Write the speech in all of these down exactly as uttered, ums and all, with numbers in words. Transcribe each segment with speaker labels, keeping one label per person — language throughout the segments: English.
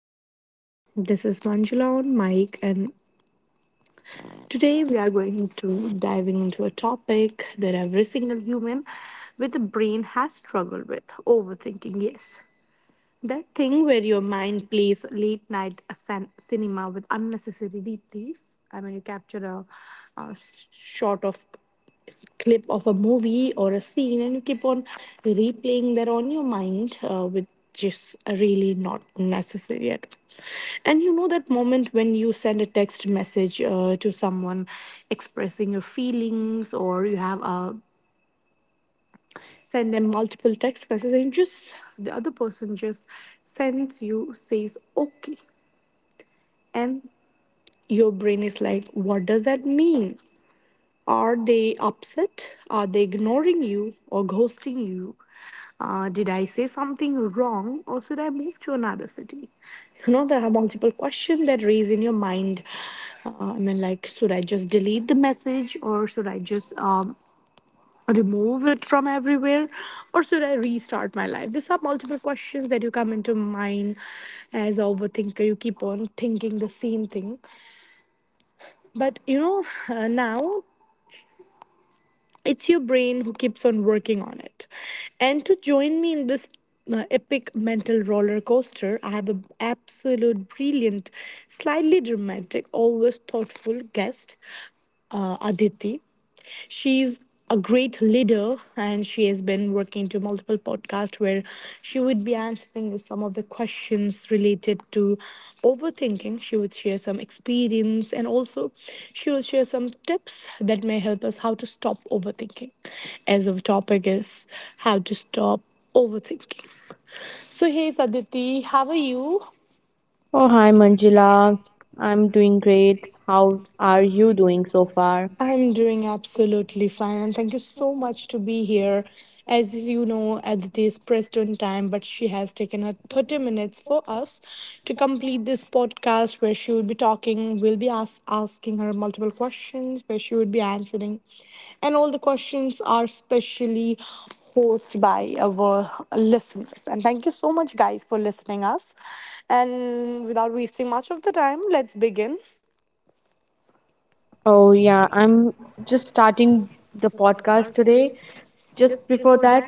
Speaker 1: listener. This is Manjula on mic, and today we are going to diving into a topic that every single human with a brain has struggled with overthinking. Yes, that thing where your mind plays late night cin- cinema with unnecessary replays. I mean, you capture a, a shot of clip of a movie or a scene and you keep on replaying that on your mind, uh, which is really not necessary at all. And you know that moment when you send a text message uh, to someone expressing your feelings, or you have a send them multiple text messages and just the other person just sends you says okay, and your brain is like, what does that mean? Are they upset? Are they ignoring you or ghosting you? Uh, did I say something wrong or should I move to another city? You know, there are multiple questions that raise in your mind. Uh, I mean, like, should I just delete the message or should I just um, remove it from everywhere, or should I restart my life? These are multiple questions that you come into mind as a overthinker. You keep on thinking the same thing. But you know, uh, now it's your brain who keeps on working on it. And to join me in this uh, epic mental roller coaster, I have an absolute brilliant, slightly dramatic, always thoughtful guest, uh, Aditi. She's a great leader and she has been working to multiple podcasts where she would be answering you some of the questions related to overthinking. She would share some experience and also she will share some tips that may help us how to stop overthinking, as our topic is how to stop overthinking. So hey Saditi, how are you?
Speaker 2: Oh, hi Manjula. I'm doing great. How are you doing so far?
Speaker 1: I'm doing absolutely fine, and thank you so much to be here. As you know, Aditi is pressed on time, but she has taken her thirty minutes for us to complete this podcast where she will be talking. We'll be ask, asking her multiple questions, where she would be answering. And all the questions are specially hosted by our listeners. And thank you so much, guys, for listening us. And without wasting much of the time, let's begin.
Speaker 2: Oh, yeah, I'm just starting the podcast today. Just before that,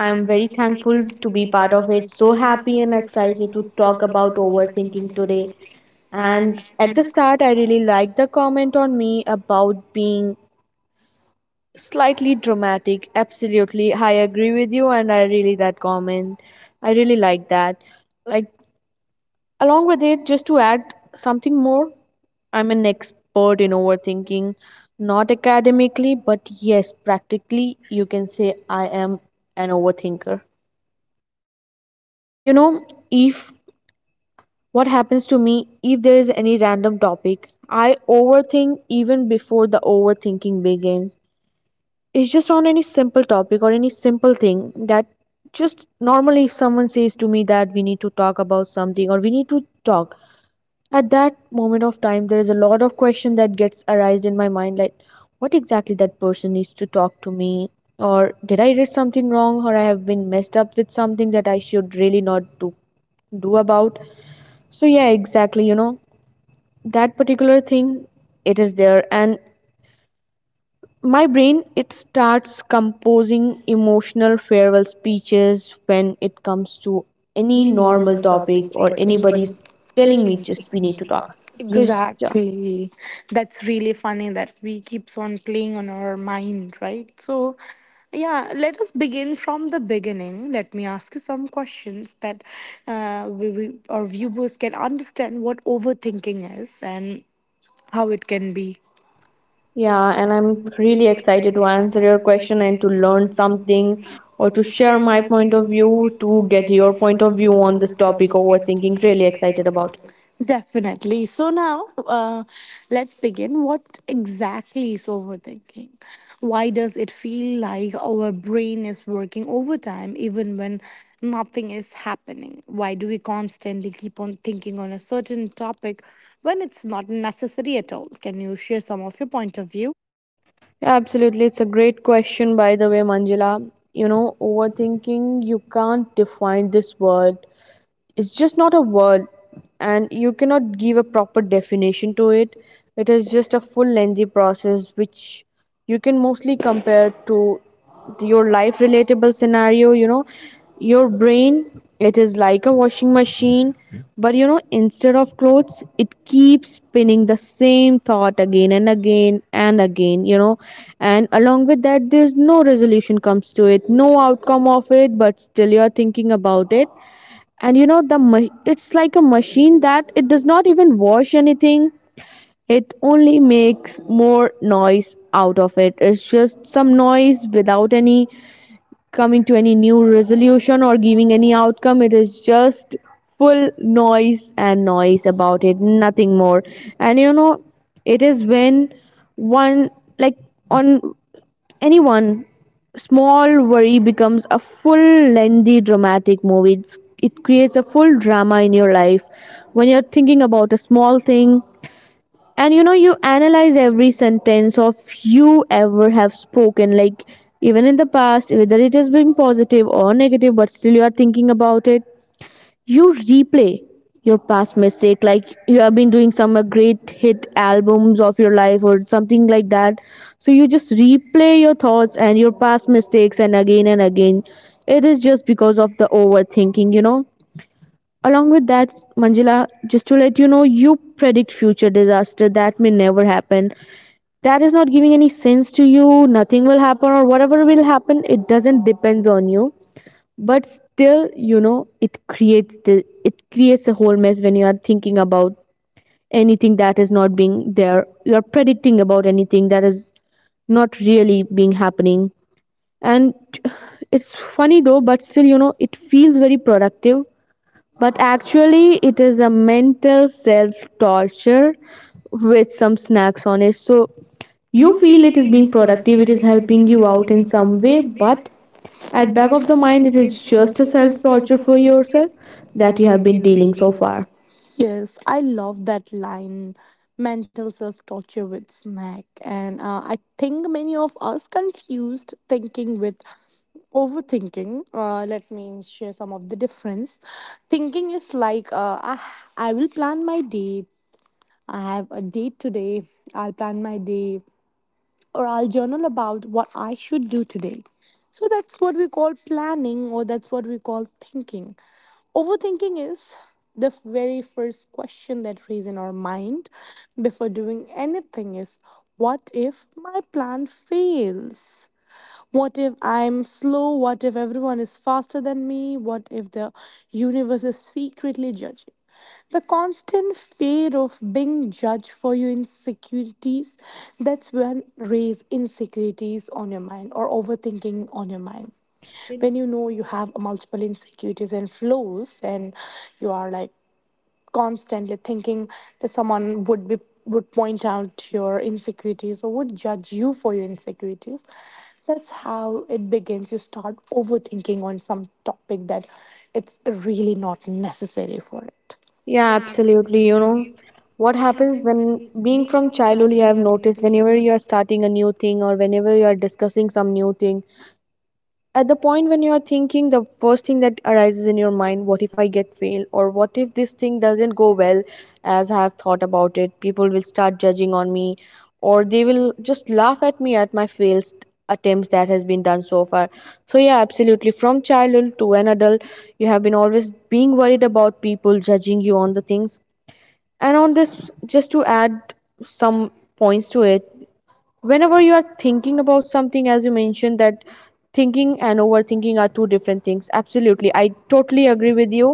Speaker 2: I'm very thankful to be part of it. So happy and excited to talk about overthinking today. And at the start, I really liked the comment on me about being slightly dramatic. Absolutely. I agree with you, and I really that comment. I really like that. Like, Along with it, just to add something more, I'm an expert in overthinking, not academically, but yes, practically, you can say I am an overthinker. And you know, if what happens to me, if there is any random topic, I overthink even before the overthinking begins. It's just on any simple topic or any simple thing that just normally if someone says to me that we need to talk about something or we need to talk. At that moment of time, there is a lot of question that gets arised in my mind, like what exactly that person needs to talk to me, or did I read something wrong, or I have been messed up with something that I should really not do do about. So yeah, exactly. You know that particular thing, it is there, and my brain it starts composing emotional farewell speeches when it comes to any normal topic or anybody's telling me just we need to talk. So it's ju-
Speaker 1: Exactly. That's really funny that we keeps on playing on our mind, right? So, yeah, let us begin from the beginning. Let me ask you some questions that uh, we, we, our viewers can understand what overthinking is and how it can be.
Speaker 2: Yeah, and I'm really excited to answer your question and to learn something or to share my point of view, to get your point of view on this topic overthinking. Really excited about it.
Speaker 1: Definitely. So now, uh, let's begin. What exactly is overthinking? Why does it feel like our brain is working overtime even when nothing is happening? Why do we constantly keep on thinking on a certain topic when it's not necessary at all? Can you share some of your point of view?
Speaker 2: Absolutely. It's a great question, by the way, Manjula. You know, overthinking, you can't define this word, it's just not a word, and you cannot give a proper definition to it. It is just a full lengthy process which you can mostly compare to your life relatable scenario. You know, your brain, it is like a washing machine, but you know, instead of clothes it keeps spinning the same thought again and again and again. You know, and along with that, there's no resolution comes to it, no outcome of it, but still you are thinking about it. And you know, the ma- it's like a machine that it does not even wash anything. It only makes more noise out of it. It's just some noise without any coming to any new resolution or giving any outcome. It is just full noise and noise about it, nothing more. And you know, it is when one like on anyone, small worry becomes a full, lengthy, dramatic movie. It's, it creates a full drama in your life when you're thinking about a small thing. And you know, you analyze every sentence of you ever have spoken, like even in the past, whether it has been positive or negative, but still you are thinking about it. You replay your past mistake like you have been doing some uh, great hit albums of your life or something like that. So you just replay your thoughts and your past mistakes and again and again. It is just because of the overthinking, you know. Along with that, Manjula, just to let you know, you predict future disaster that may never happen. That is not giving any sense to you. Nothing will happen, or whatever will happen, it doesn't depends on you, but still you know it creates the it creates a whole mess when you are thinking about anything that is not being there. You are predicting about anything that is not really being happening. And it's funny though, but still you know it feels very productive, but actually, it is a mental self torture with some snacks on it. So you feel it is being productive, it is helping you out in some way, but at back of the mind it is just a self torture for yourself that you have been dealing so far.
Speaker 1: Yes, I love that line, mental self torture with snack. And uh, I think many of us confused thinking with overthinking. Uh, let me share some of the difference. Thinking is like, uh, I, I will plan my day. I have a date today. I'll plan my day or I'll journal about what I should do today. So that's what we call planning, or that's what we call thinking. Overthinking is the f- very first question that raises in our mind before doing anything is, what if my plan fails? What if I'm slow? What if everyone is faster than me? What if the universe is secretly judging? The constant fear of being judged for your insecurities, that's when raise insecurities on your mind or overthinking on your mind. When you know you have multiple insecurities and flaws and you are like constantly thinking that someone would be would point out your insecurities or would judge you for your insecurities, that's how it begins. You start overthinking on some topic that it's really not necessary for it.
Speaker 2: Yeah, absolutely. You know what happens when being from childhood you have noticed whenever you are starting a new thing or whenever you are discussing some new thing, at the point when you are thinking, the first thing that arises in your mind, what if I get fail or what if this thing doesn't go well? As I have thought about it, people will start judging on me or they will just laugh at me at my failed attempts that has been done so far. So yeah, absolutely, from childhood to an adult you have been always being worried about people judging you on the things. And on this, just to add some points to it, whenever you are thinking about something, as you mentioned that thinking and overthinking are two different things, absolutely I totally agree with you.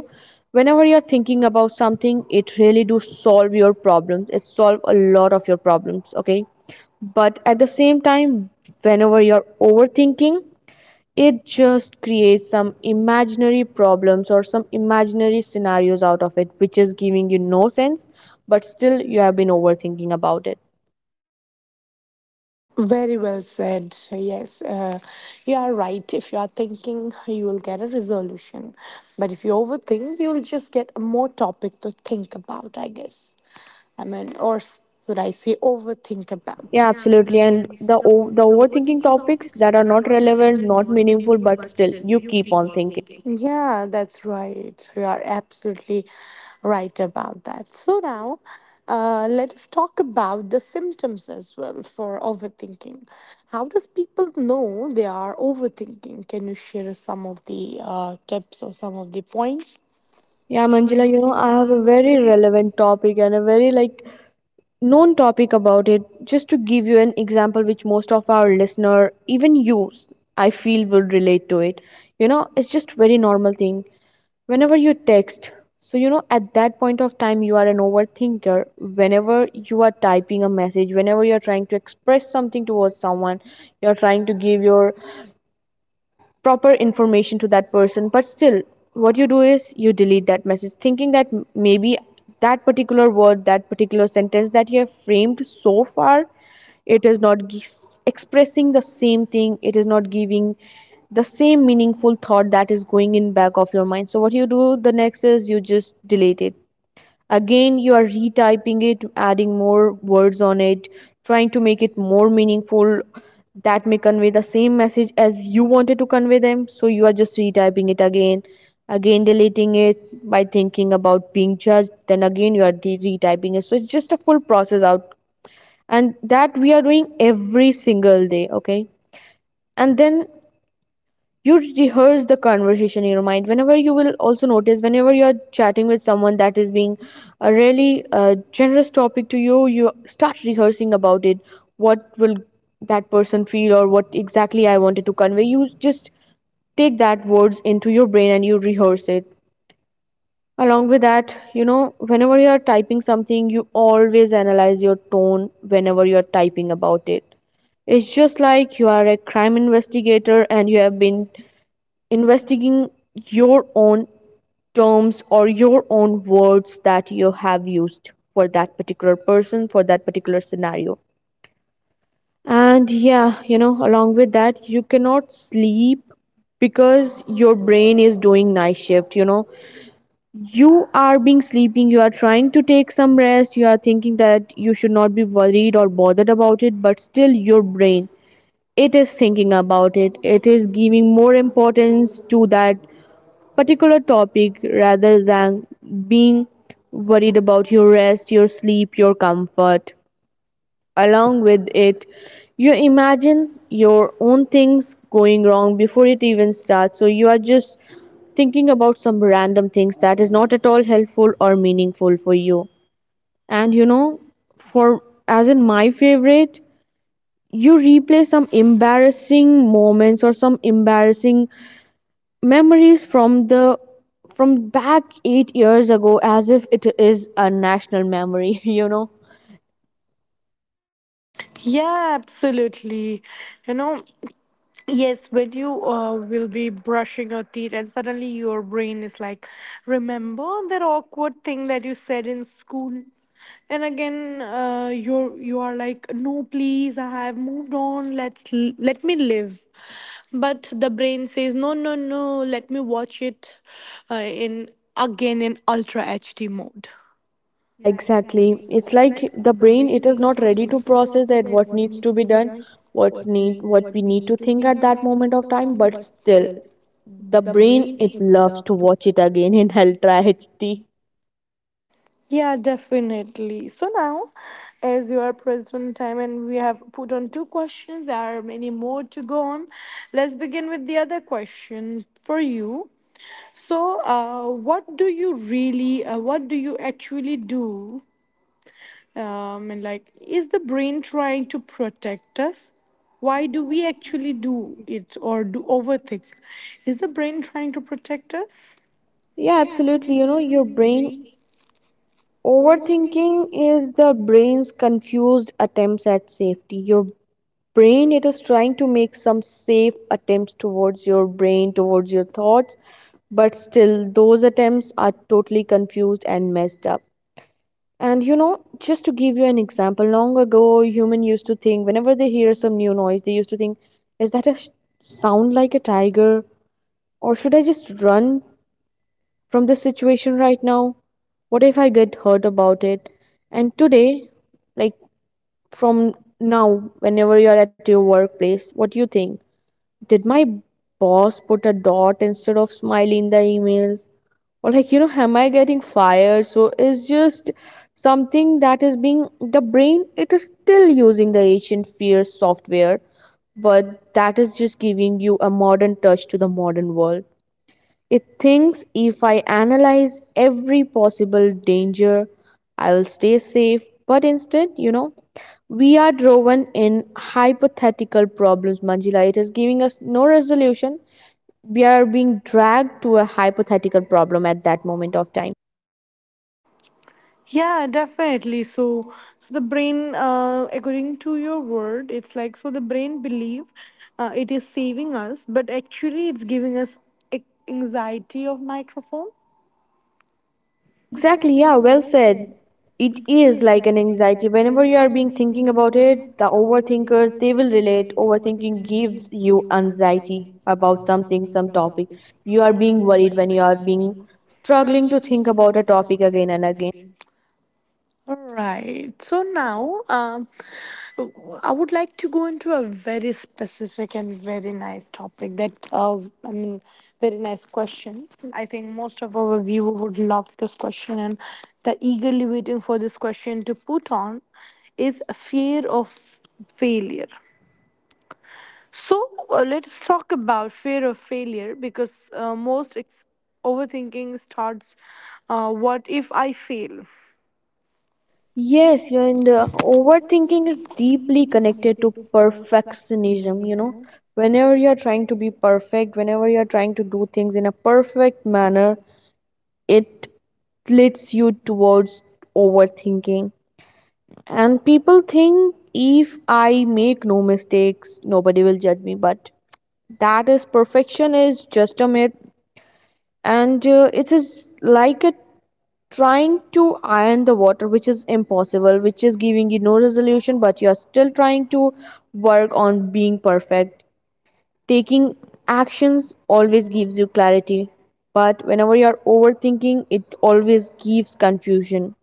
Speaker 2: Whenever you are thinking about something, it really do solve your problems, it solve a lot of your problems, okay? But at the same time, whenever you're overthinking, it just creates some imaginary problems or some imaginary scenarios out of it which is giving you no sense, but still you have been overthinking about it.
Speaker 1: Very well said, yes. Uh, you are right. If you are thinking, you will get a resolution, but if you overthink, you'll just get more topic to think about, I guess. I mean, or should I say overthink about.
Speaker 2: Yeah, absolutely. And the o- the overthinking topics that are not relevant, not meaningful, but still you keep on thinking.
Speaker 1: Yeah, that's right. You are absolutely right about that. So now, uh, let us talk about the symptoms as well for overthinking. How does people know they are overthinking? Can you share some of the uh, tips or some of the points?
Speaker 2: Yeah, Manjula, you know, I have a very relevant topic and a very like known topic about it, just to give you an example which most of our listener, even you I feel would relate to it. You know, it's just very normal thing whenever you text. So you know, at that point of time you are an overthinker. Whenever you are typing a message, whenever you are trying to express something towards someone, you are trying to give your proper information to that person, but still what you do is you delete that message thinking that maybe that particular word, that particular sentence that you have framed so far, it is not g- expressing the same thing, it is not giving the same meaningful thought that is going in back of your mind. So what you do the next is you just delete it. Again, you are retyping it, adding more words on it, trying to make it more meaningful that may convey the same message as you wanted to convey them. So you are just retyping it again, again deleting it by thinking about being judged. Then again, you are de- retyping it. So it's just a full process out, and that we are doing every single day. Okay, and then you rehearse the conversation in your mind. Whenever you will also notice, whenever you're chatting with someone that is being a really uh, generous topic to you, you start rehearsing about it, what will that person feel or what exactly I wanted to convey. You just take that words into your brain and you rehearse it. Along with that, you know, whenever you are typing something you always analyze your tone. Whenever you are typing about it, it's just like you are a crime investigator and you have been investigating your own terms or your own words that you have used for that particular person, for that particular scenario. And yeah, you know, along with that, you cannot sleep because your brain is doing night shift. You know, you are being sleeping, you are trying to take some rest, you are thinking that you should not be worried or bothered about it, but still your brain, it is thinking about it, it is giving more importance to that particular topic rather than being worried about your rest, your sleep, your comfort. Along with it, you imagine your own things going wrong before it even starts. So you are just thinking about some random things that is not at all helpful or meaningful for you. And you know, for as in my favorite, you replay some embarrassing moments or some embarrassing memories from the from back eight years ago as if it is a national memory you know.
Speaker 1: Yeah, absolutely. You know, yes, when you uh, will be brushing your teeth, and suddenly your brain is like, remember that awkward thing that you said in school? And again, uh, you're you are like, no, please, I have moved on. Let's l- let me live. But the brain says, no, no, no. Let me watch it uh, in again in ultra H D mode.
Speaker 2: Yeah, exactly, it's like the brain it is not ready to process that what needs to be done, what's need what we need to think at that moment of time. But still, the brain it loves to watch it again in ultra H D.
Speaker 1: Yeah, definitely. So now, as you are pressed on time and we have put on two questions, there are many more to go on. Let's begin with the other question for you. So, uh, what do you really, uh, what do you actually do? Um, and like, is the brain trying to protect us? Why do we actually do it or do overthink? Is the brain trying to protect us?
Speaker 2: Yeah, absolutely. You know, your brain, overthinking is the brain's confused attempts at safety. Your brain it is trying to make some safe attempts towards your brain, towards your thoughts, but still those attempts are totally confused and messed up. And you know, just to give you an example, long ago human used to think whenever they hear some new noise, they used to think, is that a sh- sound like a tiger, or should I just run from this situation right now? What if I get hurt about it? And today, like from now whenever you are at your workplace, what do you think? Did my boss put a dot instead of smile in the emails, or like, you know, am I getting fired? So it's just something that is being, the brain it is still using the ancient fear software, but that is just giving you a modern touch to the modern world. It thinks if I analyze every possible danger, I will stay safe. But instead, you know, we are driven in hypothetical problems, Manjila. It is giving us no resolution. We are being dragged to a hypothetical problem at that moment of time.
Speaker 1: Yeah, definitely. So, so the brain, uh, according to your word, it's like so the brain believe uh, it is saving us, but actually it's giving us a- anxiety of microphone.
Speaker 2: Exactly, yeah, well said. It is like an anxiety. Whenever you are being thinking about it, the overthinkers they will relate. Overthinking gives you anxiety about something, some topic. You are being worried when you are being struggling to think about a topic again and again.
Speaker 1: All right. So now, um, I would like to go into a very specific and very nice topic that, uh, I mean, very nice question. I think most of our viewer would love this question and they're eagerly waiting for this question to put on is a fear of failure. So uh, let's talk about fear of failure because uh, most ex- overthinking starts, uh, what if I fail?
Speaker 2: Yes, you and uh, overthinking is deeply connected to perfectionism, you know. Whenever you are trying to be perfect, whenever you are trying to do things in a perfect manner, it leads you towards overthinking. And people think, if I make no mistakes, nobody will judge me, but that is perfection is just a myth. And uh, it is like a trying to iron the water, which is impossible, which is giving you no resolution, but you are still trying to work on being perfect. Taking actions always gives you clarity, but whenever you are overthinking, it always gives confusion.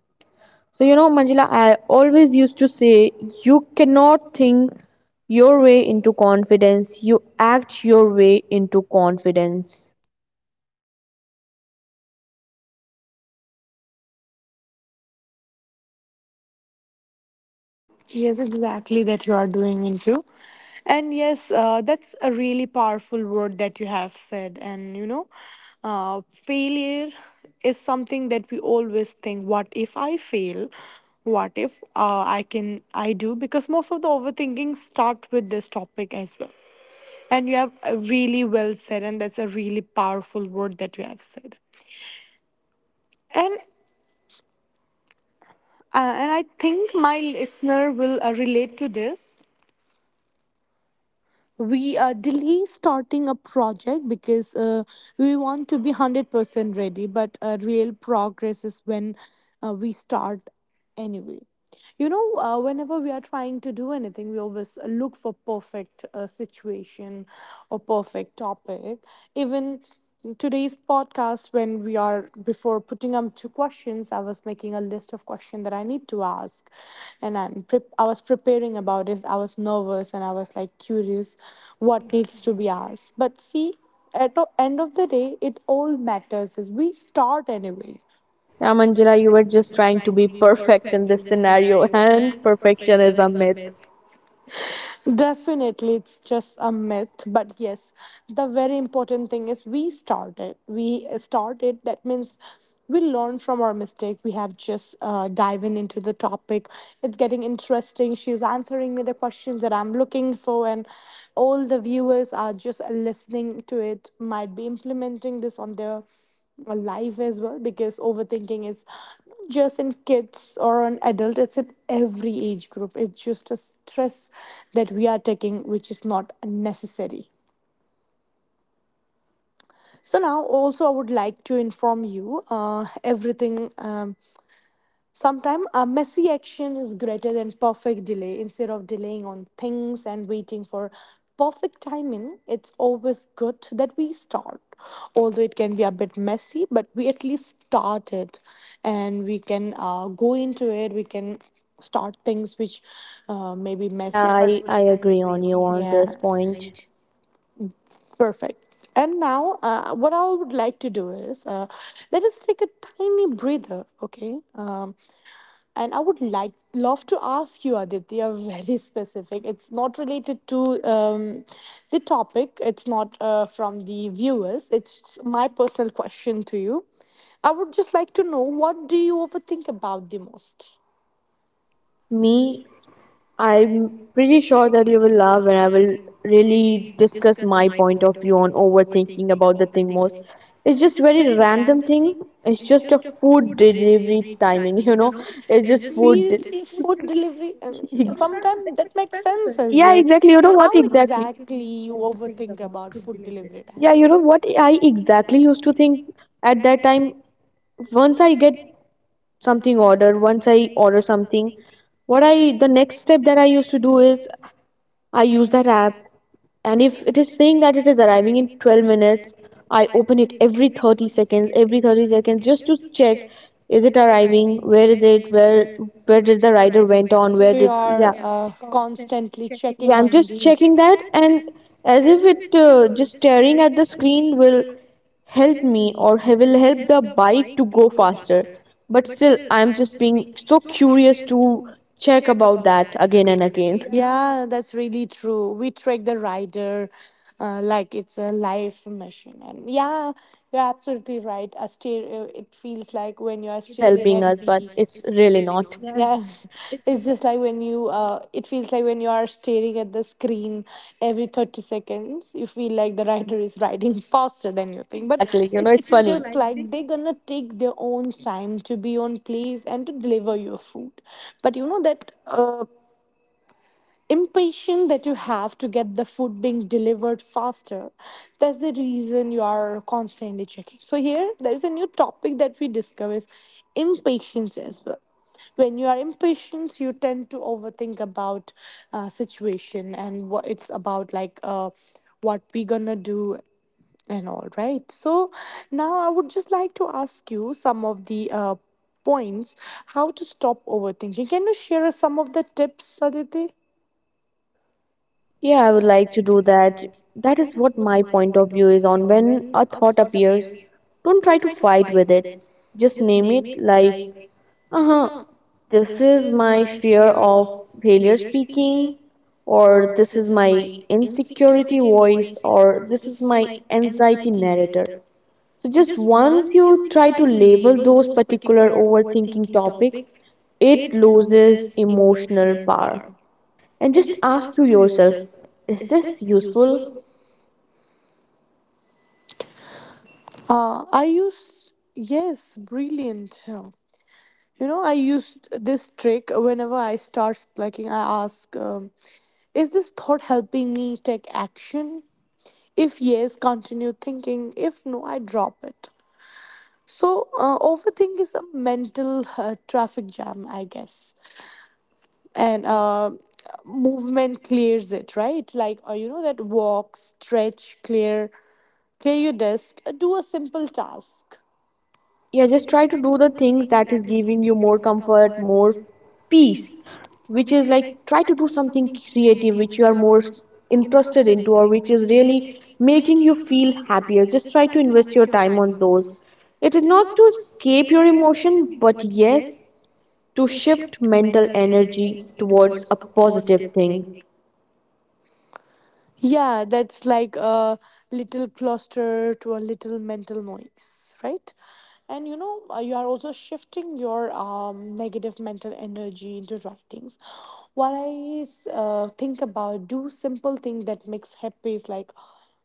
Speaker 2: So you know, Manjila, I always used to say, you cannot think your way into confidence, you act your way into confidence.
Speaker 1: Yes, exactly that you are doing into. And yes, uh, that's a really powerful word that you have said. And you know, uh, failure is something that we always think, what if I fail? What if uh, I can I do? Because most of the overthinking start with this topic as well. And you have uh, really well said, and that's a really powerful word that you have said. And uh, and I think my listener will uh, relate to this. We uh, delay starting a project because uh, we want to be one hundred percent ready, but uh, real progress is when uh, we start anyway. You know, uh, whenever we are trying to do anything, we always look for perfect uh, situation or perfect topic. Even in today's podcast when we are before putting up two questions, I was making a list of questions that I need to ask, and i'm pre- I was preparing about it. I was nervous and I was like curious what needs to be asked, but see, at the end of the day, it all matters is we start anyway.
Speaker 2: Yeah, Manjila, you were just trying to be perfect in this scenario and perfection is a myth.
Speaker 1: Definitely, it's just a myth. But yes, the very important thing is we started. We started. That means we learn from our mistake. We have just uh, diving into the topic. It's getting interesting. She's answering me the questions that I'm looking for, and all the viewers are just listening to it. Might be implementing this on their uh, life as well, because overthinking is just in kids or on adult, it's in every age group. It's just a stress that we are taking which is not necessary. So now also I would like to inform you, uh, everything um, sometimes a messy action is greater than perfect delay. Instead of delaying on things and waiting for perfect timing, it's always good that we start. Although it can be a bit messy, but we at least start it and we can uh, go into it. We can start things which uh, may be messy.
Speaker 2: Yeah, i, I agree on you on this point.
Speaker 1: Perfect. And now, uh, what I would like to do is, uh, let us take a tiny breather, okay? Um, And I would like love to ask you, Aditya, very specific. It's not related to um, the topic. It's not uh, from the viewers. It's my personal question to you. I would just like to know, what do you overthink about the most?
Speaker 2: Me, I'm pretty sure that you will love when I will really discuss my point of view on overthinking about the thing most. It's just very random thing. It's just a food delivery timing, you know. It's just food. de-
Speaker 1: Food delivery, and
Speaker 2: Ex-
Speaker 1: sometimes that makes sense as
Speaker 2: yeah, exactly. You know what
Speaker 1: how
Speaker 2: exactly?
Speaker 1: exactly you overthink about food delivery
Speaker 2: Yeah,
Speaker 1: time?
Speaker 2: you know what I exactly used to think at that time. Once I get something ordered, once I order something, what I the next step that I used to do is I use that app, and if it is saying that it is arriving in twelve minutes, I open it every thirty seconds, every thirty seconds just to check, is it arriving, where is it, where where did the rider went on, where did, yeah.
Speaker 1: Uh, constantly checking.
Speaker 2: Yeah, I'm just checking that, and as if it uh, just staring at the screen will help me, or he- will help the bike to go faster. But still, I'm just being so curious to check about that again and again.
Speaker 1: Yeah, that's really true. We track the rider, uh, like it's a live mission. And yeah, you're absolutely right. A stereo, it feels like when you are,
Speaker 2: It is helping us, but it's really not.
Speaker 1: yeah, it's just like when you, uh, it feels like when you are staring at the screen every thirty seconds, you feel like the rider is riding faster than you think. But
Speaker 2: Exactly. You know, it's
Speaker 1: it's
Speaker 2: funny.
Speaker 1: just like they're gonna take their own time to be on place and to deliver your food. But you know that uh, impatient that you have to get the food being delivered faster. That's the reason you are constantly checking. So here there is a new topic that we discover is impatience as well. When you are impatient, you tend to overthink about uh, situation and what it's about, like uh, what we gonna do and all right, so now I would just like to ask you some of the uh, points, how to stop overthinking. Can you share us some of the tips, Aditi?
Speaker 2: Yeah, I would like to do that. That is what my point of view is on when a thought appears. Don't try to fight with it. Just name it like, uh huh, this is my fear of failure speaking, or this is my insecurity voice, or this is my anxiety narrator. So, just once you try to label those particular overthinking topics, it loses emotional power. And just ask to yourself, is this useful?
Speaker 1: Uh, I used, yes, brilliant. Yeah. You know, I used this trick whenever I start slacking. I ask, um, is this thought helping me take action? If yes, continue thinking. If no, I drop it. So, uh, overthink is a mental uh, traffic jam, I guess. And uh, movement clears it, right? Like, uh, you know, that walk, stretch, clear, clear your desk, do a simple task.
Speaker 2: Yeah, just try to do the things that is giving you more comfort, more peace, which is like try to do something creative which you are more interested into, or which is really making you feel happier. Just try to invest your time on those. It is not to escape your emotion, but yes, to shift mental energy towards a positive thing.
Speaker 1: Yeah, that's like a little cluster to a little mental noise, right? And you know, uh, you are also shifting your um, negative mental energy into writings. What I uh, think about, do simple thing that makes happy is like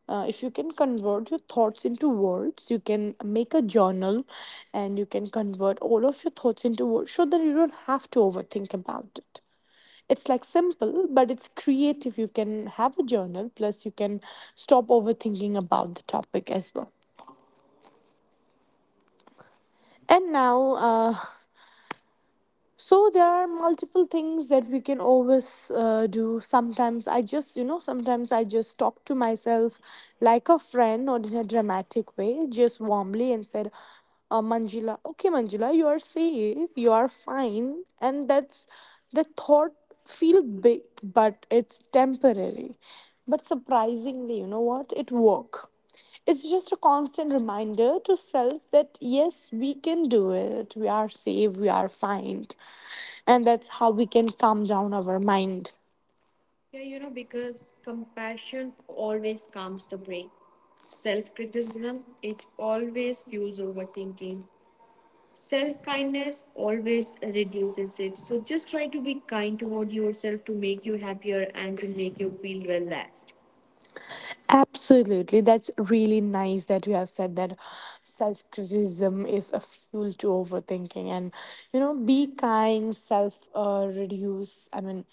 Speaker 1: uh, if you can convert your thoughts into words, you can make a journal and you can convert all of your thoughts into words so that you don't have to overthink about it. It's like simple, but it's creative. You can have a journal, plus, you can stop overthinking about the topic as well. And now, uh, so there are multiple things that we can always uh, do. Sometimes I just, you know, sometimes I just talk to myself like a friend, not in a dramatic way, just warmly and said, uh, Manjula, okay, Manjula, you are safe, you are fine, and that's the thought feel big, but it's temporary. But surprisingly, you know what? It work. It's just a constant reminder to self that yes, we can do it. We are safe, we are fine. And that's how we can calm down our mind.
Speaker 2: Yeah, you know, because compassion always calms the brain. Self criticism, it always fuels overthinking. Self kindness always reduces it. So just try to be kind toward yourself to make you happier and to make you feel relaxed.
Speaker 1: Absolutely. That's really nice that you have said that self criticism is a fuel to overthinking. And, you know, be kind, self uh, reduce. I mean,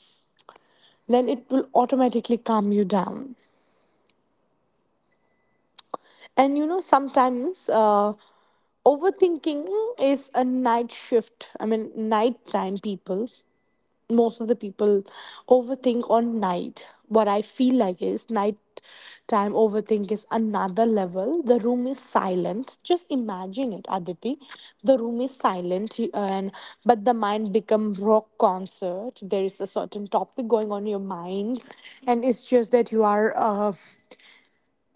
Speaker 1: then it will automatically calm you down. And, you know, sometimes uh, overthinking is a night shift. I mean, nighttime people, most of the people overthink on night. What I feel like is nighttime overthink is another level. The room is silent, just imagine it, Aditi. The room is silent, and but the mind become rock concert. There is a certain topic going on in your mind, and it's just that you are uh,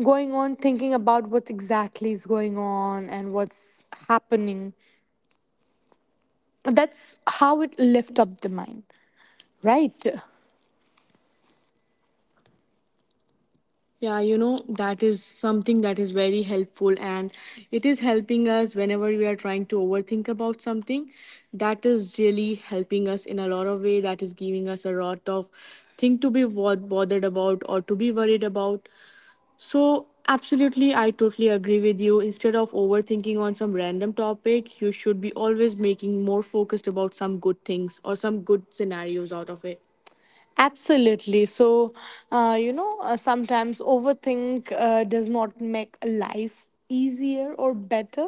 Speaker 1: going on thinking about what exactly is going on and what's happening. That's how it lift up the mind, right? Yeah, you know, that is something that is very helpful and it is helping us whenever we are trying to overthink about something. That is really helping us in a lot of way. That is giving us a lot of thing to be wo- bothered about or to be worried about. So, absolutely, I totally agree with you. Instead of overthinking on some random topic, you should be always making more focused about some good things or some good scenarios out of it. Absolutely. So, uh, you know, uh, sometimes overthink uh, does not make life easier or better.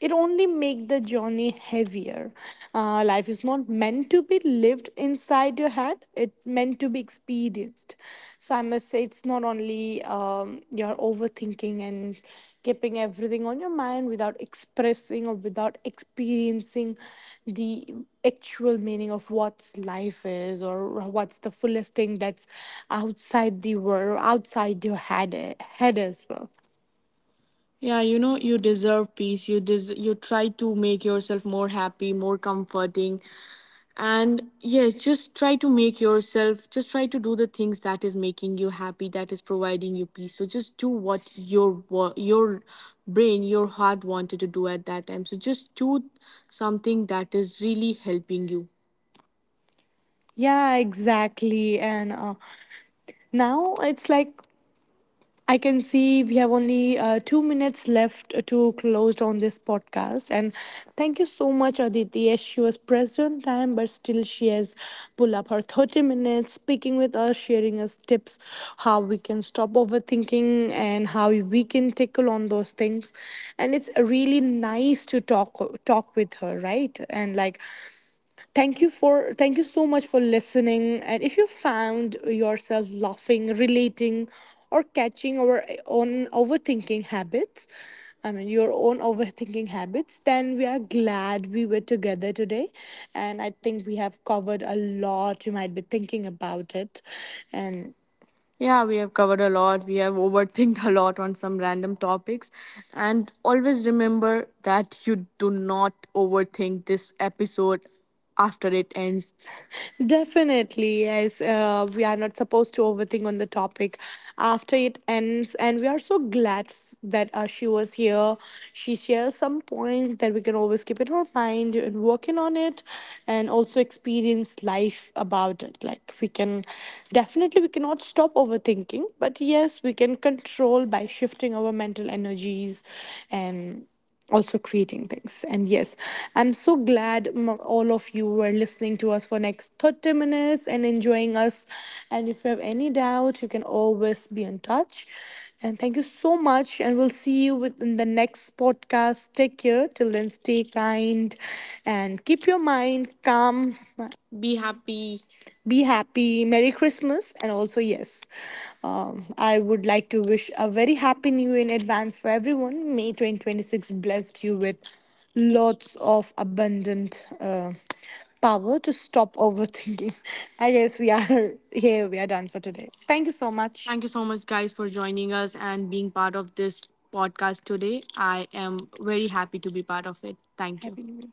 Speaker 1: It only make the journey heavier. Uh, life is not meant to be lived inside your head. It's meant to be experienced. So I must say, it's not only um, your overthinking and keeping everything on your mind without expressing or without experiencing the actual meaning of what life is or what's the fullest thing that's outside the world or outside your head head as well. Yeah, you know, you deserve peace. You des- you try to make yourself more happy, more comforting, and yes, just try to make yourself, just try to do the things that is making you happy, that is providing you peace. So just do what your wo- your brain, your heart wanted to do at that time. So just do something that is really helping you. Yeah, exactly. And uh, now it's like I can see we have only uh, two minutes left to close on this podcast. And thank you so much, Aditi. Yes, she was pressed on time, but still she has pulled up her thirty minutes, speaking with us, sharing us tips, how we can stop overthinking and how we can tackle on those things. And it's really nice to talk talk with her, right? And like, Thank you for thank you so much for listening. And if you found yourself laughing, relating, or catching our own overthinking habits, I mean your own overthinking habits, then we are glad we were together today. And I think we have covered a lot. You might be thinking about it. And yeah, we have covered a lot. We have overthinked a lot on some random topics. And always remember that you do not overthink this episode after it ends. Definitely, yes. Uh, we are not supposed to overthink on the topic after it ends, and we are so glad f- that uh, she was here. She shares some points that we can always keep in our mind and working on it, and also experience life about it. Like we can, definitely we cannot stop overthinking, but yes, we can control by shifting our mental energies and also creating things. And yes, I'm so glad m- all of you were listening to us for next thirty minutes and enjoying us. And if you have any doubt, you can always be in touch. And thank you so much, and we'll see you within the next podcast. Take care. Till then, stay kind and keep your mind calm. Be happy. Be happy. Merry Christmas. And also, yes, um, I would like to wish a very happy new year in advance for everyone. May twenty twenty-six blessed you with lots of abundant uh, power to stop overthinking. I guess we are here. We are done for today. Thank you so much. Thank you so much, guys, for joining us and being part of this podcast today. I am very happy to be part of it. Thank you. Happy New